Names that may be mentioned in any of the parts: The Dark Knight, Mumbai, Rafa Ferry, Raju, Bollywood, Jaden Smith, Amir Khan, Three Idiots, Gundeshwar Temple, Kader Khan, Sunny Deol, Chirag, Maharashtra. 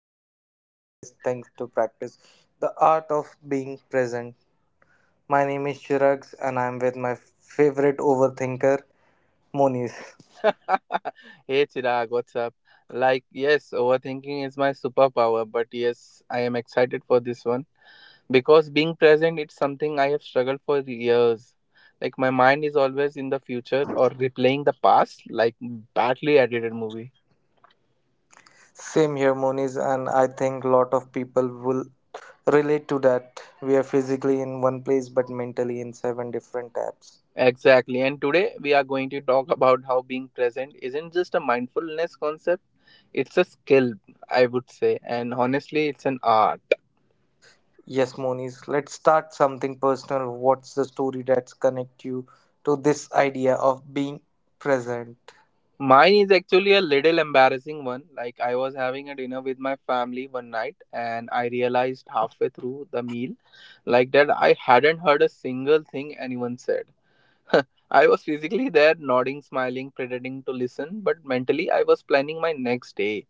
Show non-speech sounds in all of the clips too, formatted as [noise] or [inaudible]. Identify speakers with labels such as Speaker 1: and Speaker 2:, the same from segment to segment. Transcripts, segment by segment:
Speaker 1: the one of the hardest things to practice the art of being present. My name is Chirag, and I'm with my favorite overthinker, Moniz.
Speaker 2: [laughs] Hey Chirag, what's up? Like, yes, overthinking is my superpower, but yes, I am excited for this one because being present, it's something I have struggled for years. Like my mind is always in the future or replaying the past, like badly edited movie.
Speaker 1: Same here, Moniz, and I think a lot of people will relate to that. We are physically in one place, but mentally in seven different tabs.
Speaker 2: Exactly. And today we are going to talk [laughs] about how being present isn't just a mindfulness concept, it's a skill, I would say, and honestly, it's an art.
Speaker 1: Yes, Moniz, let's start something personal. What's the story that's connect you to this idea of being present?
Speaker 2: Mine is actually a little embarrassing one. Like I was having a dinner with my family one night and I realized halfway through the meal like that I hadn't heard a single thing anyone said. [laughs] I was physically there nodding, smiling, pretending to listen, but mentally I was planning my next day.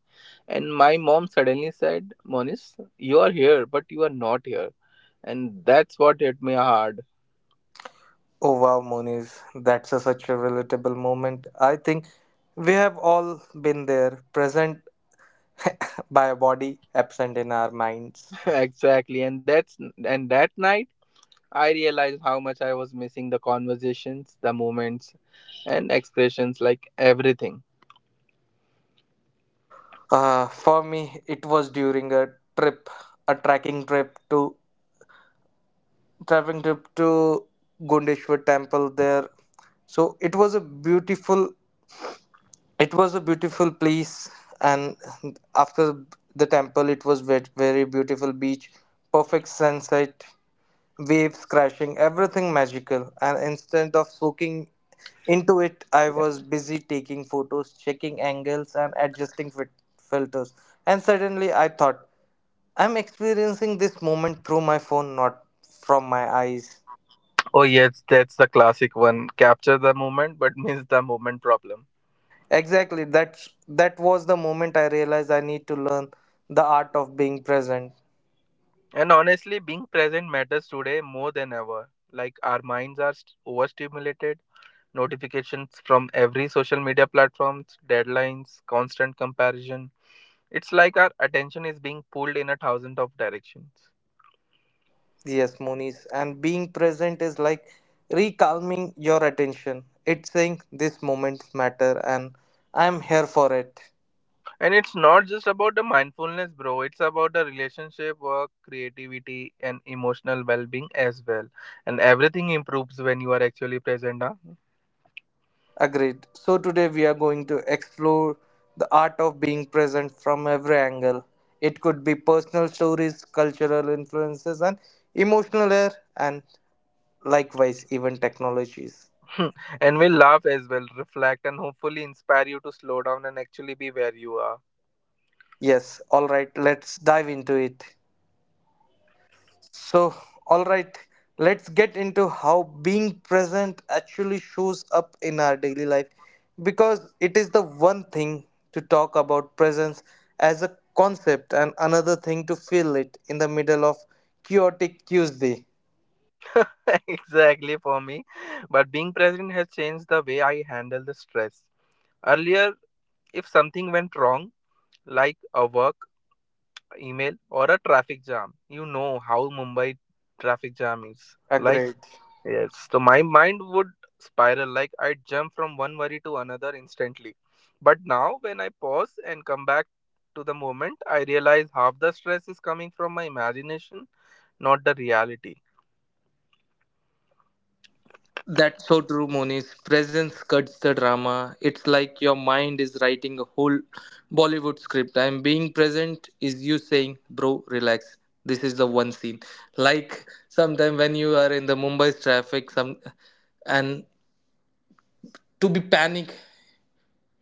Speaker 2: And my mom suddenly said, "Monis, you are here, but you are not here." And that's what hit me hard.
Speaker 1: Oh wow, Moniz, that's a, such a relatable moment. I think we have all been there, present [laughs] by our body, absent in our minds.
Speaker 2: [laughs] exactly. And that night I realized how much I was missing the conversations, the moments, and expressions like everything.
Speaker 1: For me, it was during a trip, a trekking trip to trekking trip to Gundeshwar Temple there. So it was a beautiful place, and after the temple, it was very beautiful beach, perfect sunset, waves crashing, everything magical. And instead of soaking into it, I was busy taking photos, checking angles, and adjusting filters. And suddenly, I thought, I'm experiencing this moment through my phone, not from my eyes.
Speaker 2: Oh, yes, that's the classic one, capture the moment but miss the moment problem.
Speaker 1: Exactly, that was the moment I realized I need to learn the art of being present.
Speaker 2: And honestly, being present matters today more than ever. Like, our minds are overstimulated, notifications from every social media platforms, deadlines, constant comparison. It's like our attention is being pulled in a thousand of directions.
Speaker 1: Yes, Moniz. And being present is like recalming your attention. It's saying this moments matter and I'm here for it.
Speaker 2: And it's not just about the mindfulness, bro. It's about the relationship, work, creativity, and emotional well being as well. And everything improves when you are actually present. Huh?
Speaker 1: Agreed. So today we are going to explore the art of being present from every angle. It could be personal stories, cultural influences, and emotional air, and likewise, even technologies.
Speaker 2: [laughs] and we laugh as well, reflect, and hopefully inspire you to slow down and actually be where you are.
Speaker 1: Yes, all right, let's dive into it. So, all right, let's get into how being present actually shows up in our daily life because it is the one thing to talk about presence as a concept and another thing to feel it in the middle of chaotic Tuesday.
Speaker 2: [laughs] exactly for me. But being present has changed the way I handle the stress. Earlier, if something went wrong, like a work email or a traffic jam, you know how Mumbai traffic jam is. Like.
Speaker 1: Agreed.
Speaker 2: Yes, so my mind would spiral, like I'd jump from one worry to another instantly. But now, when I pause and come back to the moment, I realize half the stress is coming from my imagination, not the reality.
Speaker 1: That's so true, Moniz. Presence cuts the drama. It's like your mind is writing a whole Bollywood script. I'm being present is you saying, bro, relax. This is the one scene. Like sometime when you are in the Mumbai's traffic, some and to be panic,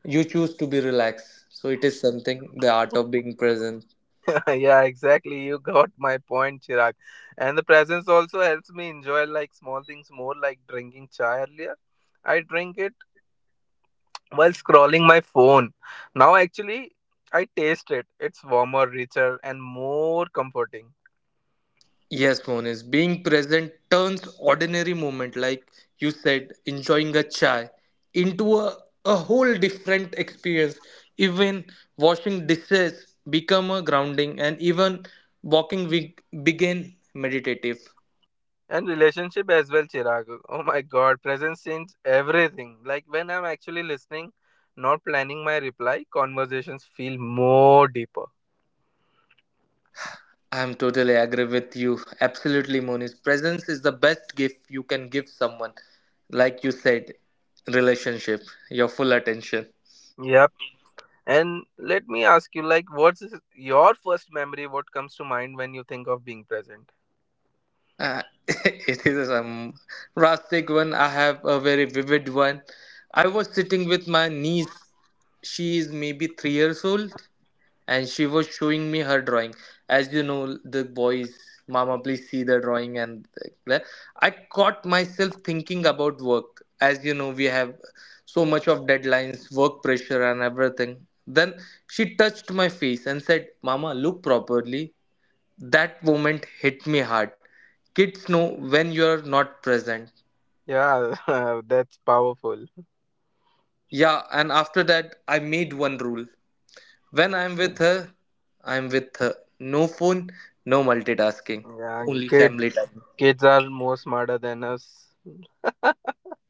Speaker 1: you choose to be relaxed. So it is something the art of being present.
Speaker 2: [laughs] yeah, exactly. You got my point, Chirag. And the presence also helps me enjoy like small things more, like drinking chai earlier. I drink it while scrolling my phone. Now, actually, I taste it. It's warmer, richer, and more comforting.
Speaker 1: Yes, Monis, being present turns ordinary moment, like you said, enjoying a chai, into a whole different experience. Even washing dishes become a grounding, and even walking we begin meditative.
Speaker 2: And relationship as well, Chirag. Oh my god, presence changes everything. Like when I'm actually listening, not planning my reply, conversations feel more deeper.
Speaker 1: I am totally agree with you. Absolutely, Monis. Presence is the best gift you can give someone. Like you said, relationship, your full attention.
Speaker 2: Yep. And let me ask you, like, what's your first memory? What comes to mind when you think of being present?
Speaker 1: Uh, [laughs] it is a drastic one. I have a very vivid one. I was sitting with my niece. She is maybe 3 years old, and she was showing me her drawing. As you know, the boys, Mama, please see the drawing. And the-" I caught myself thinking about work. As you know, we have so much of deadlines, work pressure, and everything. Then she touched my face and said, Mama, look properly. That moment hit me hard. Kids know when you're not present.
Speaker 2: Yeah, [laughs] that's powerful.
Speaker 1: Yeah, and after that, I made one rule. When I'm with her, I'm with her. No phone, no multitasking,
Speaker 2: Yeah.
Speaker 1: only family
Speaker 2: kids
Speaker 1: time.
Speaker 2: kids are more smarter than us.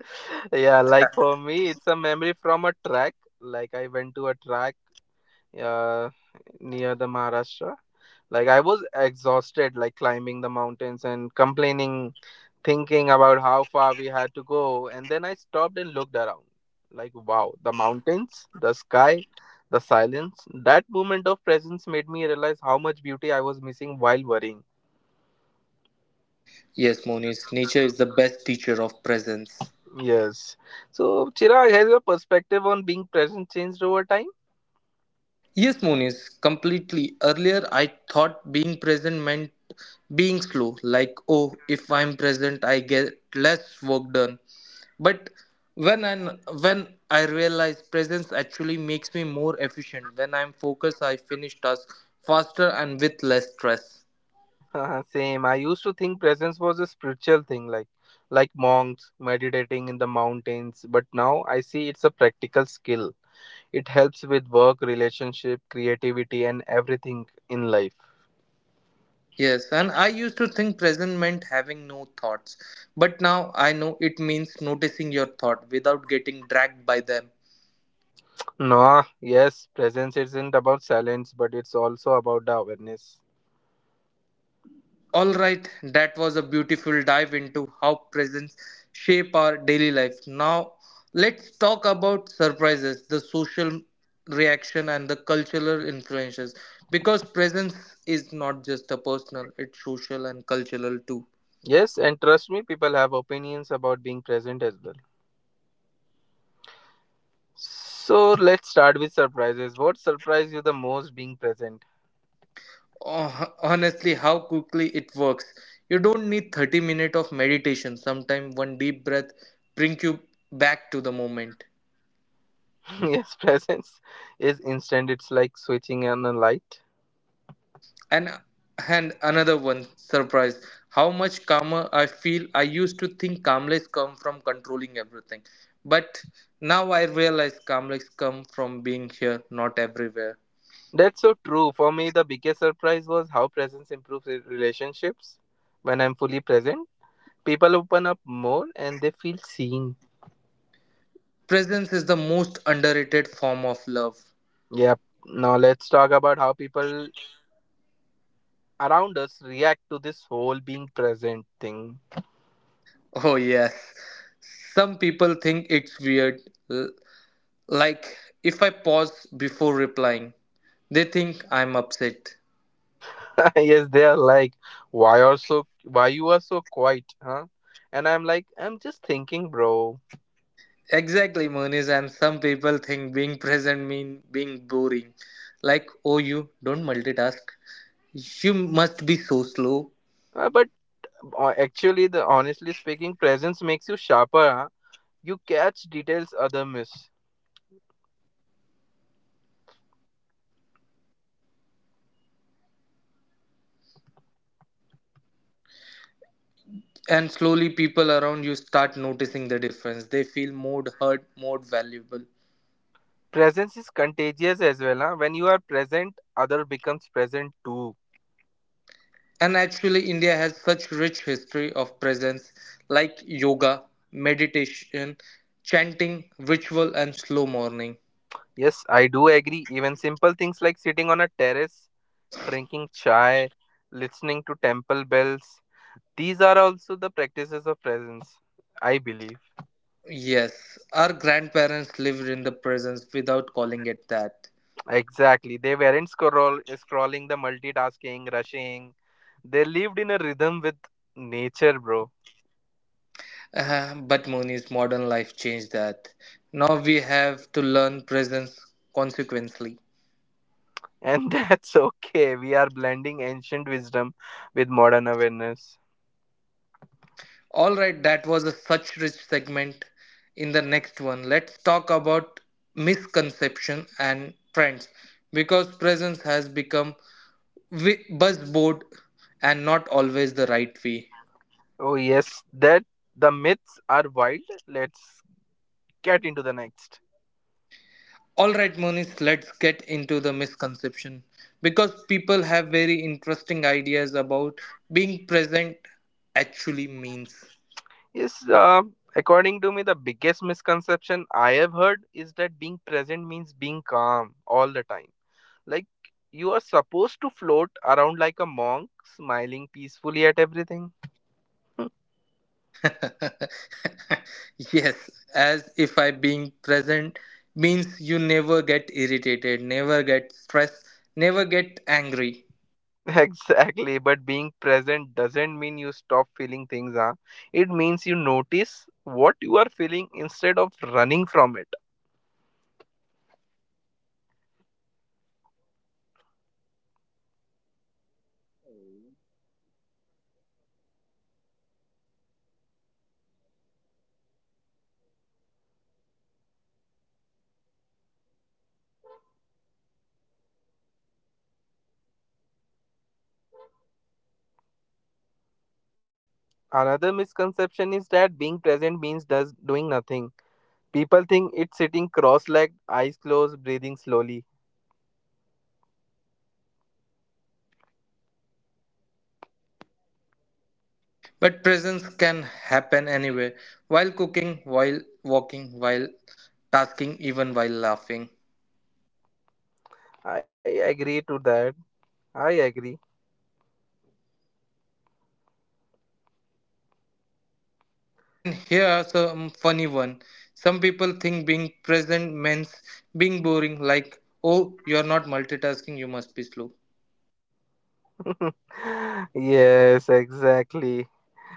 Speaker 2: [laughs] yeah, like for me it's a memory from a track. Like i went to a track uh, near the Maharashtra. Like I was exhausted, like climbing the mountains and complaining, thinking about how far we had to go. And then I stopped and looked around. Like, wow, the mountains, the sky, the silence. That moment of presence made me realize how much beauty I was missing while worrying.
Speaker 1: Yes, Monis, nature is the best teacher of presence.
Speaker 2: Yes. So, Chirag, has your perspective on being present changed over time? [laughs]
Speaker 1: Yes, Monis, completely. Earlier, I thought being present meant being slow, like, oh, if I'm present, I get less work done. But when I realize presence actually makes me more efficient. When I'm focused, I finish tasks faster and with less stress.
Speaker 2: Same. I used to think presence was a spiritual thing, like monks meditating in the mountains, but now I see it's a practical skill. It helps with work, relationship, creativity, and everything in life.
Speaker 1: Yes, and I used to think present meant having no thoughts, but now I know it means noticing your thought without getting dragged by them.
Speaker 2: No, yes, presence isn't about silence, but it's also about the awareness.
Speaker 1: All right, that was a beautiful dive into how presents shape our daily life. Now, let's talk about surprises, the social reaction, and the cultural influences. Because presence is not just a personal, it's social and cultural too.
Speaker 2: Yes, and trust me, people have opinions about being present as well. So let's start with surprises. What surprised you the most being present?
Speaker 1: Oh, honestly, how quickly it works. You don't need 30 minutes of meditation. Sometimes one deep breath brings you back to the moment.
Speaker 2: [laughs] yes, presence is instant. It's like switching on a light.
Speaker 1: And and another one surprise, how much calmer I feel. I used to think calmness come from controlling everything, but now I realize calmness come from being here, not everywhere.
Speaker 2: That's so true. For me, the biggest surprise was how presence improves relationships when I'm fully present. People open up more and they feel seen.
Speaker 1: Presence is the most underrated form of love.
Speaker 2: Yep. Now let's talk about how people around us react to this whole being present thing.
Speaker 1: Oh yes, some people think it's weird. l- Like if I pause before replying, they think I'm upset.
Speaker 2: [laughs] yes, they are like, why are so, why you are so quiet, huh? And I'm like, I'm just thinking, bro.
Speaker 1: Exactly, Moniz. And some people think being present mean being boring. Like, oh, you don't multitask. You must be so slow.
Speaker 2: But actually, the honestly speaking, presence makes you sharper. Huh? You catch details other miss.
Speaker 1: And slowly, people around you start noticing the difference. They feel more heard, more valuable.
Speaker 2: Presence is contagious as well. Huh? When you are present, other becomes present too.
Speaker 1: And actually, India has such rich history of presence, like yoga, meditation, chanting, ritual, and slow morning.
Speaker 2: Yes, I do agree. Even simple things like sitting on a terrace, drinking chai, listening to temple bells, these are also the practices of presence, I believe.
Speaker 1: Yes, our grandparents lived in the presence without calling it that.
Speaker 2: Exactly. They weren't scrolling the multitasking, rushing. They lived in a rhythm with nature, bro.
Speaker 1: But Muni's modern life changed that. Now we have to learn presence consequently.
Speaker 2: And [laughs] that's okay. We are blending ancient wisdom with modern awareness.
Speaker 1: All right, that was a such rich segment. In the next one, let's talk about misconception and trends because presence has become buzzword and not always the right way.
Speaker 2: Oh, yes, that, the myths are wild. Let's get into the next.
Speaker 1: All right, Moni's, let's get into the misconception because people have very interesting ideas about being present actually means.
Speaker 2: Yes, according to me, the biggest misconception I have heard is that being present means being calm all the time. Like, you are supposed to float around like a monk, smiling peacefully at everything. [laughs]
Speaker 1: [laughs] Yes, as if I being present means you never get irritated, never get stressed, never get angry.
Speaker 2: Exactly, but being present doesn't mean you stop feeling things, huh? It means you notice what you are feeling instead of running from it.
Speaker 1: I agree. The presence is an emotional perfection, it is the emotional honesty.
Speaker 2: Another misconception is that being present means does doing nothing. People think it's sitting cross-legged, eyes closed, breathing slowly.
Speaker 1: But presence can happen anywhere, while cooking, while walking, while tasking, even while laughing.
Speaker 2: I agree to that. I agree.
Speaker 1: And here's a funny one. Some people think being present means being boring, like, oh, you're not multitasking, you must be slow.
Speaker 2: [laughs] yes, exactly.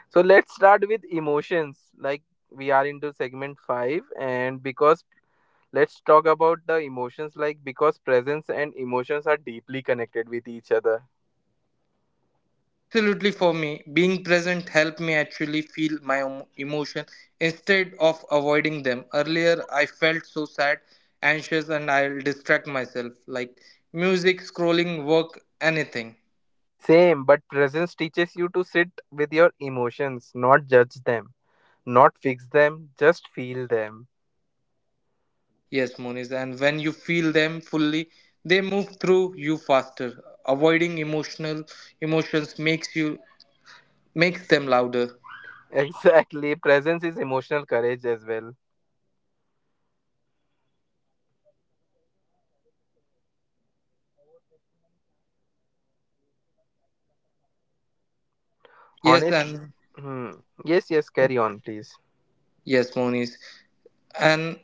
Speaker 2: So let's start with emotions. Like we are into segment 5, and because let's talk about the emotions, like because presence and emotions are deeply connected with each other.
Speaker 1: Absolutely, for me, being present helped me actually feel my emotion instead of avoiding them. Earlier, I felt so sad, anxious, and I'll distract myself, like music, scrolling, work, anything.
Speaker 2: Same, but presence teaches you to sit with your emotions, not judge them, not fix them, just feel them.
Speaker 1: Yes, Moniz, and when you feel them fully, they move through you faster. Avoiding emotional emotions makes you makes them louder.
Speaker 2: [laughs] Exactly. Presence is emotional courage as well.
Speaker 1: Yes,
Speaker 2: Honest.
Speaker 1: and
Speaker 2: Hmm. Yes, yes, carry on, please.
Speaker 1: yes, Moniz, and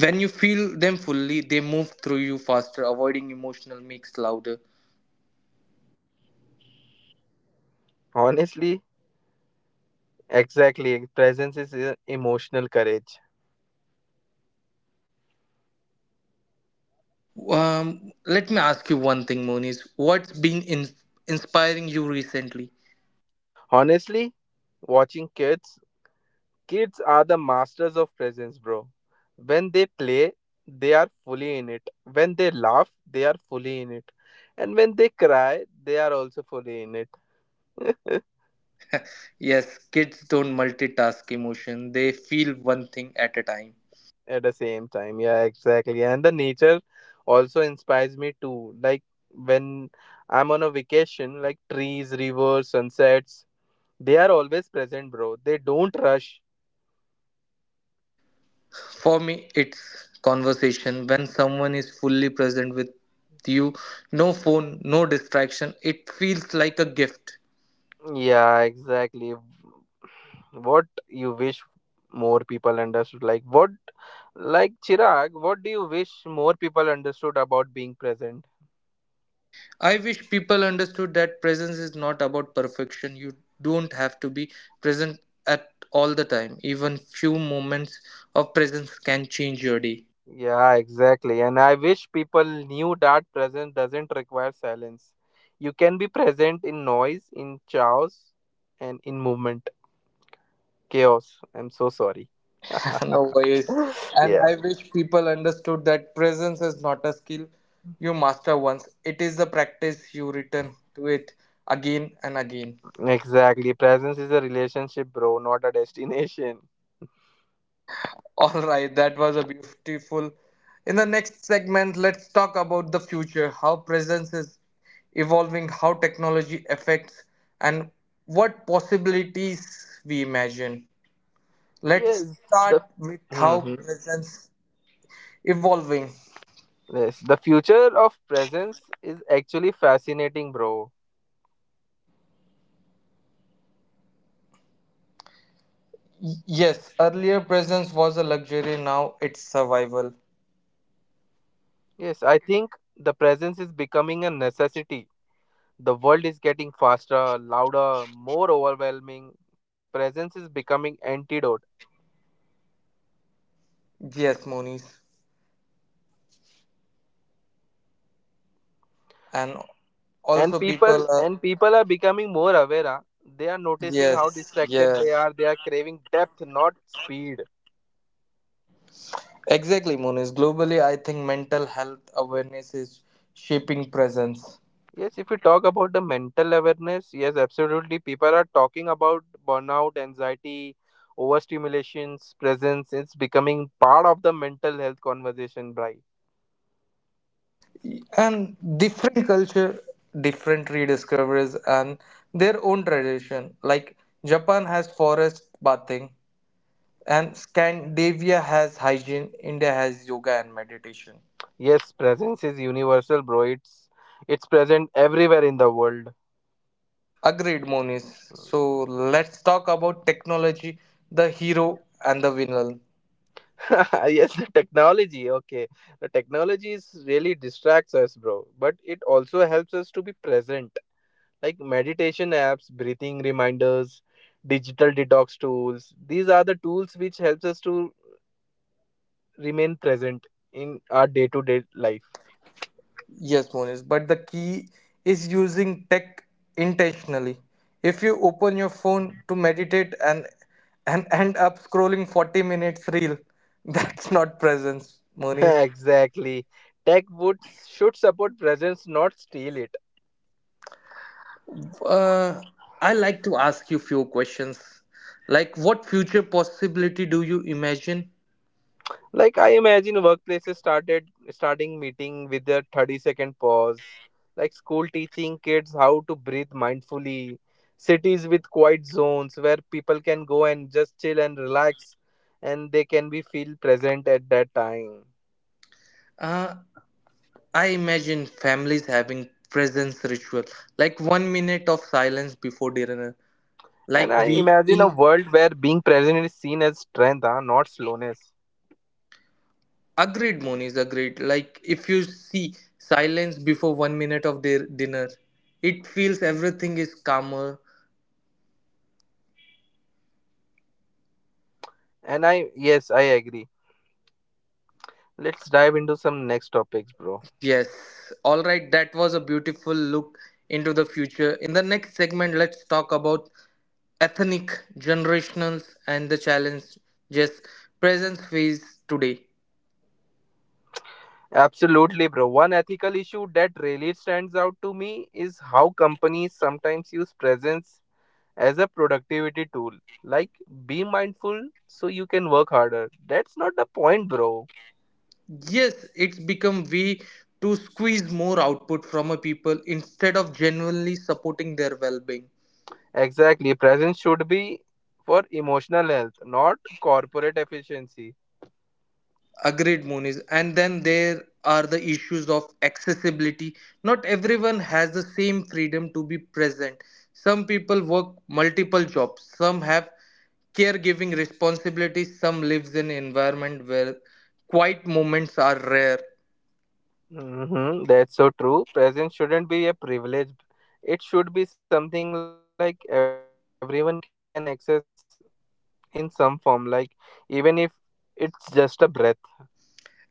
Speaker 1: when you feel them fully, they move through you faster. Avoiding emotional makes louder.
Speaker 2: Honestly, exactly. Presence is emotional courage.
Speaker 1: Let me ask you one thing, Moniz. What's been inspiring you recently?
Speaker 2: Honestly, watching kids, kids are the masters of presence, bro. When they play, they are fully in it. When they laugh, they are fully in it. And when they cry, they are also fully in it. [laughs]
Speaker 1: Yes, kids don't multitask emotion. They feel one thing at a time.
Speaker 2: At the same time, yeah, exactly. And the nature also inspires me too. Like when I'm on a vacation, like trees, rivers, sunsets, they are always present, bro. They don't rush.
Speaker 1: For me, it's conversation. When someone is fully present with you, no phone, no distraction, it feels like a gift.
Speaker 2: Yeah, exactly. What you wish more people understood? Like what? Like Chirag, what do you wish more people understood about being present?
Speaker 1: I wish people understood that presence is not about perfection. You don't have to be present at all the time. Even few moments of presence can change your day.
Speaker 2: Yeah, exactly. And I wish people knew that presence doesn't require silence. You can be present in noise, in chaos, and in movement. Chaos. I'm so sorry.
Speaker 1: [laughs] No worries.
Speaker 2: [laughs]
Speaker 1: And
Speaker 2: yeah,
Speaker 1: I wish people understood that presence is not a skill you master once, it is the practice you return to it again and again.
Speaker 2: exactly. Presence is a relationship, bro, not a destination.
Speaker 1: All right, that was a beautiful. In the next segment, let's talk about the future, how presence is evolving, how technology affects, and what possibilities we imagine. Let's
Speaker 2: Yes,
Speaker 1: start
Speaker 2: the.
Speaker 1: with how
Speaker 2: Mhm.
Speaker 1: presence evolving.
Speaker 2: Yes, the future of presence is actually fascinating, bro.
Speaker 1: Yes, earlier presence was a luxury, now it's survival.
Speaker 2: Yes, I think the presence is becoming a necessity. The world is getting faster, louder, more overwhelming. Presence is becoming antidote.
Speaker 1: Yes, Moniz. And
Speaker 2: And
Speaker 1: also
Speaker 2: people
Speaker 1: people are
Speaker 2: and people are becoming more aware. Huh? They are noticing how
Speaker 1: yes,
Speaker 2: distracted they
Speaker 1: yes.
Speaker 2: are. They are craving depth, not speed.
Speaker 1: Exactly, Monis. Globally, I think mental health awareness is shaping presence.
Speaker 2: Yes, if we talk about the mental awareness, yes, absolutely. People are talking about burnout, anxiety, overstimulations, presence. It's becoming part of the mental health conversation, Bri.
Speaker 1: And different culture, different rediscoveries, and their own tradition. Like Japan has forest bathing, and Scandinavia has hygiene, India has yoga and meditation.
Speaker 2: Yes, presence is universal, bro. It's present everywhere in the world.
Speaker 1: Agreed, Monis. So
Speaker 2: [laughs]
Speaker 1: let's talk about technology, the hero and the villain.
Speaker 2: yes, the technology. Okay, the technology is really distracts us, bro. But it also helps us to be present. Like meditation apps, breathing reminders, digital detox tools. These are the tools which helps us to remain present in our day-to-day life.
Speaker 1: Yes, Monis, but the key is using tech intentionally. If you open your phone to meditate and [laughs] end up scrolling 40 minutes reel, [laughs] that's not presence,
Speaker 2: [laughs]
Speaker 1: Monis.
Speaker 2: exactly. Tech would should support presence, not steal it.
Speaker 1: Uh, I like to ask you few questions. Like what future possibility do you imagine?
Speaker 2: Like I imagine workplaces started starting meeting with a 30-second pause, like school teaching kids how to breathe mindfully, cities with quiet zones where people can go and just chill and relax and they can be feel present at that time.
Speaker 1: Uh, I imagine families having presence ritual, like 1 minute of silence before dinner.
Speaker 2: And I
Speaker 1: Like
Speaker 2: imagine
Speaker 1: we
Speaker 2: a
Speaker 1: in
Speaker 2: world where being present is seen as strength, huh? Not slowness.
Speaker 1: Agreed, Moniz, agreed. Like if you see silence before 1 minute of their dinner, it feels everything is calmer.
Speaker 2: And I, yes, I agree. Let's dive into some next topics, bro.
Speaker 1: Yes. Alright, that was a beautiful look into the future. In the next segment, let's talk about ethnic, generationals and the challenges presence face today.
Speaker 2: Absolutely, bro. One ethical issue that really stands out to me is how companies sometimes use presence as a productivity tool. Like, be mindful so you can work harder. That's not the point, bro.
Speaker 1: Yes, it's become way to squeeze more output from a people instead of genuinely supporting their well being.
Speaker 2: Exactly. Presence should be for emotional health, not corporate efficiency.
Speaker 1: Agreed, Monis. And then there are the issues of accessibility. Not everyone has the same freedom to be present. Some people work multiple jobs, some have caregiving responsibilities, some lives in environment where quiet moments are rare.
Speaker 2: Hmm, that's so true. Presence shouldn't be a privilege, it should be something like everyone can access in some form, like, even if it's just a breath.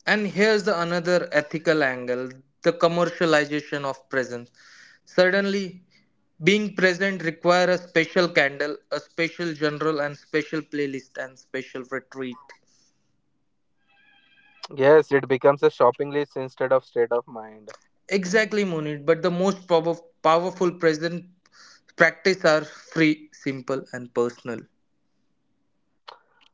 Speaker 1: And here's the another ethical angle, the commercialization of presence. Suddenly, being present require a special candle, a special general and special playlist and special retreat.
Speaker 2: Yes, it becomes a shopping list instead of state of mind.
Speaker 1: Exactly, Munit. But the powerful present practice are free, simple, and personal.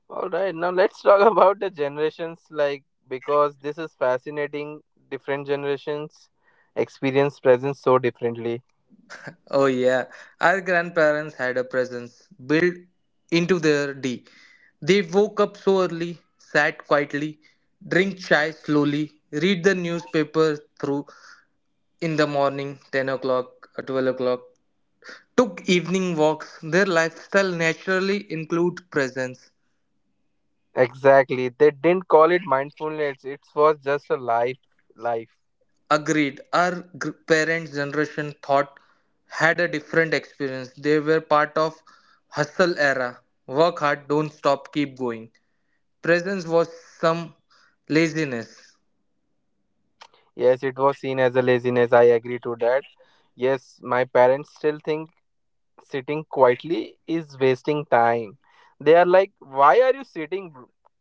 Speaker 2: All right, now let's talk [laughs] about the generations, like because this is fascinating. Different generations experience presence so differently.
Speaker 1: Oh, yeah. Our grandparents had a presence built into their day. They woke up so early, sat quietly, drink chai slowly, read the newspaper through in the morning, 10 o'clock, 12 o'clock, took evening walks. Their lifestyle naturally include presence.
Speaker 2: Exactly. They didn't call it mindfulness. It was just a life.
Speaker 1: Agreed. Our parents' generation thought had a different experience. They were part of hustle era. Work hard, don't stop, keep going. Presence was some laziness.
Speaker 2: Yes, it was seen as a laziness. I agree to that. Yes, my parents still think sitting quietly is wasting time. They are like, why are you sitting?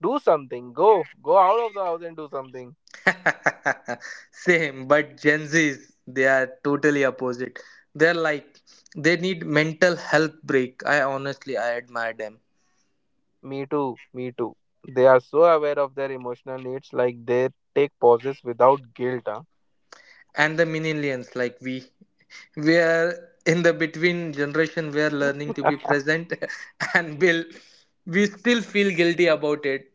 Speaker 2: Do something. Go. Go out of the house and do something.
Speaker 1: [laughs] Same, but Gen Z's they are totally opposite. They're like they need mental health break. I honestly I admire them.
Speaker 2: Me too. Me too. They are so aware of their emotional needs, like they take pauses without guilt. Huh?
Speaker 1: And the millennials, like, we are in the between generation. We are learning to be
Speaker 2: [laughs]
Speaker 1: present [laughs] and will we still feel guilty about it.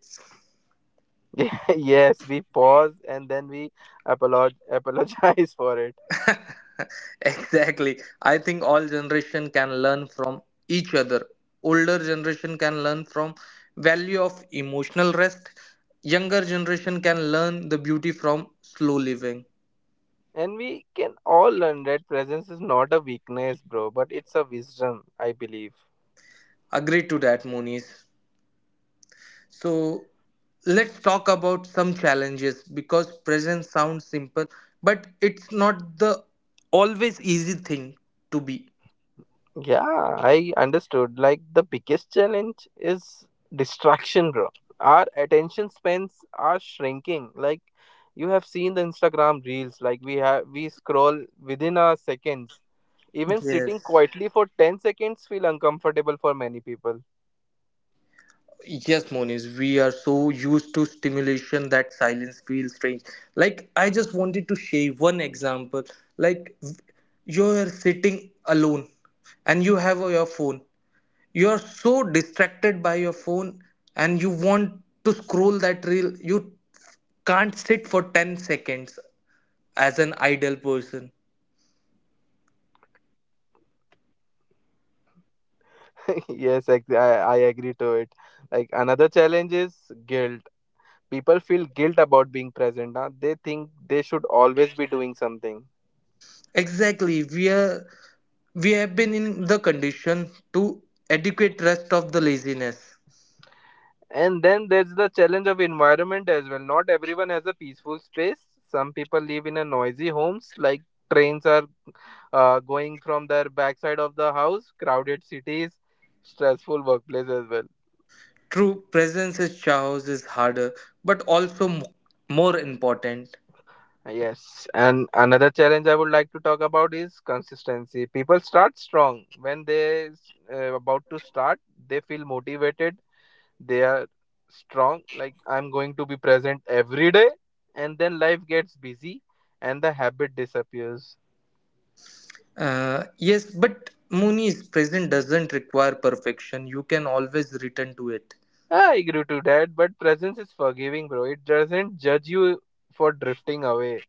Speaker 2: Yeah, yes, we pause and then we [laughs] apologize for it.
Speaker 1: [laughs] exactly, I think all generation can learn from each other. Older generation can learn from value of emotional rest. Younger generation can learn the beauty from slow living.
Speaker 2: And we can all learn that presence is not a weakness, bro, but it's a wisdom, I believe.
Speaker 1: Agree to that, Moniz. So let's talk about some challenges because presence sounds simple, but it's not the always easy thing to be.
Speaker 2: Yeah, I understood. Like the biggest challenge is distraction, bro. Our attention spans are shrinking. Like you have seen the Instagram reels, like we scroll within our seconds. Even sitting
Speaker 1: Yes.
Speaker 2: quietly for 10 seconds feel uncomfortable for many people.
Speaker 1: Yes, Moniz, we are so used to stimulation that silence feels strange. Like, I just wanted to share one example. Like, you are sitting alone and you have your phone. You're so distracted by your phone and you want to scroll that reel. You can't sit for 10 seconds as an idle person.
Speaker 2: [laughs] yes, ex- I agree to it. Like another challenge is guilt. People feel guilt about being present. Huh? They think they should always be doing something.
Speaker 1: Exactly. We have been in the condition to adequate rest of the laziness.
Speaker 2: And then there's the challenge of environment as well. Not everyone has a peaceful space. Some people live in a noisy homes, like trains are going from their backside of the house, crowded cities, stressful workplace as well.
Speaker 1: True presence is chaos is harder, but also more important.
Speaker 2: Yes, and another challenge I would like to talk about is consistency. People start strong when they s- about to start, they feel motivated, they are strong, like I'm going to be present every day, and then life gets busy and the habit disappears.
Speaker 1: Yes, but Mooney's present doesn't require perfection. You can always return to it.
Speaker 2: I agree to that, but presence is forgiving, bro, it doesn't judge you for drifting away.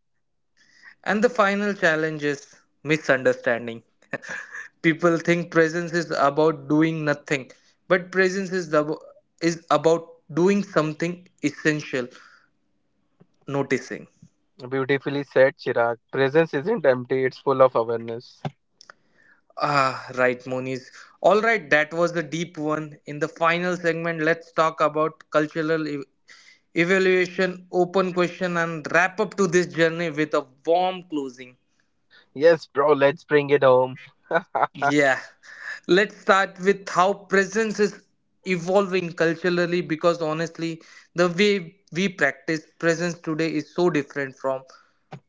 Speaker 1: And the final challenge is misunderstanding. [laughs] People think presence is about doing nothing, but is about doing something essential, noticing.
Speaker 2: Beautifully said, Chirag. Presence isn't empty, it's full of awareness.
Speaker 1: Ah, right, Moniz. All right, that was the deep one. In the final segment, let's talk about cultural evaluation, open question, and wrap up to this journey with a warm closing.
Speaker 2: Yes, bro, let's bring it home. [laughs]
Speaker 1: Yeah. Let's start with how presence is evolving culturally because honestly, the way we practice presence today is so different from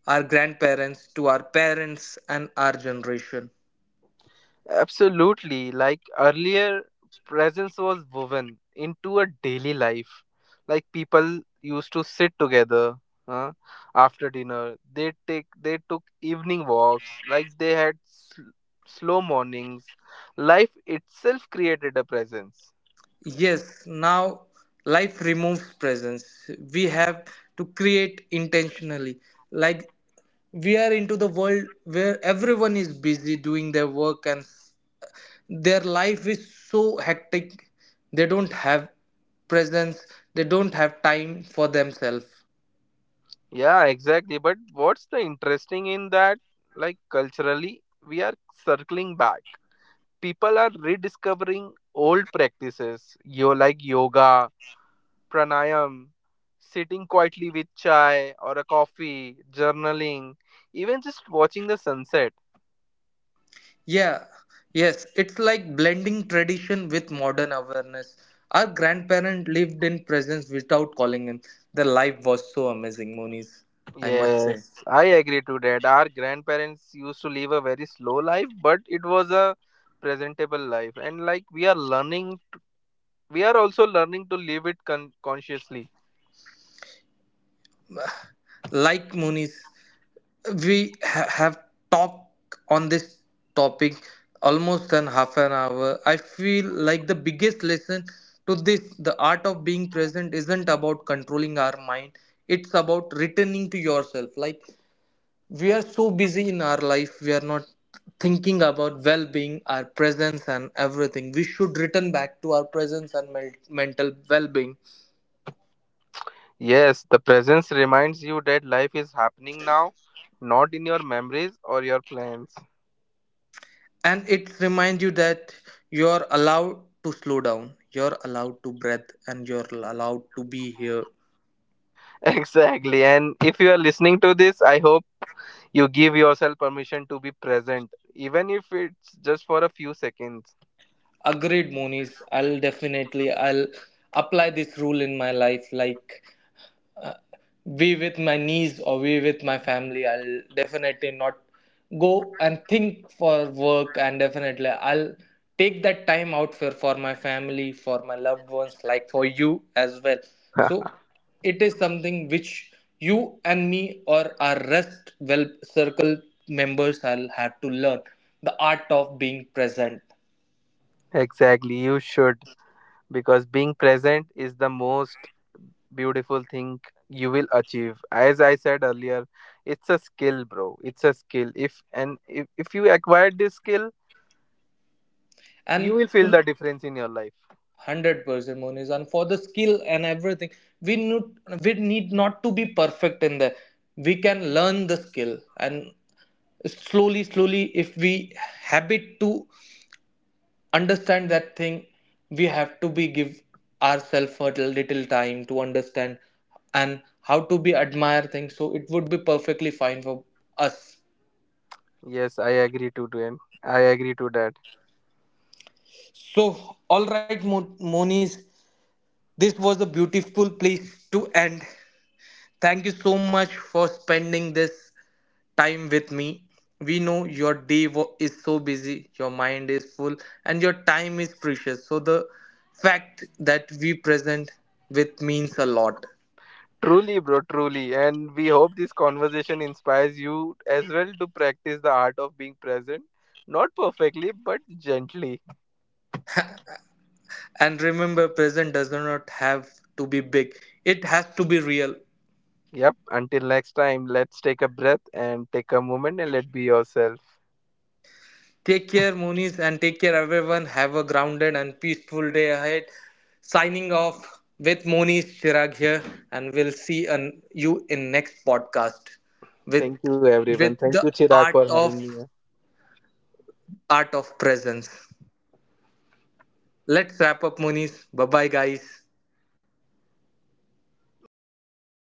Speaker 1: our grandparents to our parents and our generation.
Speaker 2: Absolutely. Like earlier, presence was woven into a daily life. Like people used to sit together uh, after dinner. They took evening walks. Like they had slow mornings. Life itself created a presence.
Speaker 1: Yes, now life removes presence. We have to create intentionally. Like, we are into the world where everyone is busy doing their work and their life is so hectic. They don't have presence. They don't have time for themselves.
Speaker 2: Yeah, exactly. But what's the interesting in that? Like culturally, we are circling back. People are rediscovering old practices. Yo, like yoga pranayam, sitting quietly with chai or a coffee, journaling, even just watching the sunset.
Speaker 1: Yeah, yes, it's like blending tradition with modern awareness. Our grandparent lived in presence without calling him. Their life was so amazing, Moonies. I must say,
Speaker 2: Yes, I agree to that. Our grandparents used to live a very slow life, but it was a presentable life. And like we are learning, we are also learning to live it consciously.
Speaker 1: like, Moonies, we have talked on this topic almost an half an hour. I feel like the biggest lesson to this, the art of being present isn't about controlling our mind. It's about returning to yourself. Like, we are so busy in our life. We are not thinking about well-being, our presence and everything. We should return back to our presence and mental well-being.
Speaker 2: Yes, the presence reminds you that life is happening now, not in your memories or your plans. [laughs]
Speaker 1: And it reminds you that you're allowed to slow down, you're allowed to breathe, and you're allowed to be here.
Speaker 2: Exactly. And if you are listening to this, I hope you give yourself permission to be present, even if it's just for a few seconds.
Speaker 1: Agreed, Moniz. I'll definitely, I'll apply this rule in my life. Uh, be with my niece or be with my family. I'll definitely not go and think for work, and definitely I'll take that time out for my family, for my loved ones, like for you as well. So
Speaker 2: [laughs]
Speaker 1: it is something which you and me or our rest well circle members, I'll have to learn the art of being present.
Speaker 2: exactly, you should, because being present is the most beautiful thing you will achieve. As I said earlier, it's a skill, bro. It's a skill. If and if, if you acquire this skill, you
Speaker 1: And
Speaker 2: will feel the difference in your life.
Speaker 1: 100% Moniz. And for the skill and everything, we need, we need not to be perfect in there. We can learn the skill, and slowly, slowly, if we habit to understand that thing, we have to be give ourselves a little time to understand and how to be admire things. So it would be perfectly fine for us.
Speaker 2: Yes, I agree to I agree to that.
Speaker 1: So, all right, Moniz, this was a beautiful place to end. Thank you so much for spending this time with me. We know your day is so busy, your mind is full, and your time is precious. So, the fact that we present with means a lot.
Speaker 2: Truly, bro, truly. And we hope this conversation inspires you as well to practice the art of being present. Not perfectly, but gently.
Speaker 1: And remember, present does not have to be big, it has to be real.
Speaker 2: Yep. Until next time, let's take a breath and take a moment and let be yourself.
Speaker 1: Take care, Moonies, and take care, everyone. Have a grounded and peaceful day ahead. Signing off with Moonies Chirag here, and we'll you in next podcast with
Speaker 2: Thank you, everyone. Thank you,
Speaker 1: the
Speaker 2: Chirag,
Speaker 1: art
Speaker 2: for
Speaker 1: of
Speaker 2: having me here.
Speaker 1: presence. Let's wrap up, Moonies. Bye bye, guys.
Speaker 2: Bye bye.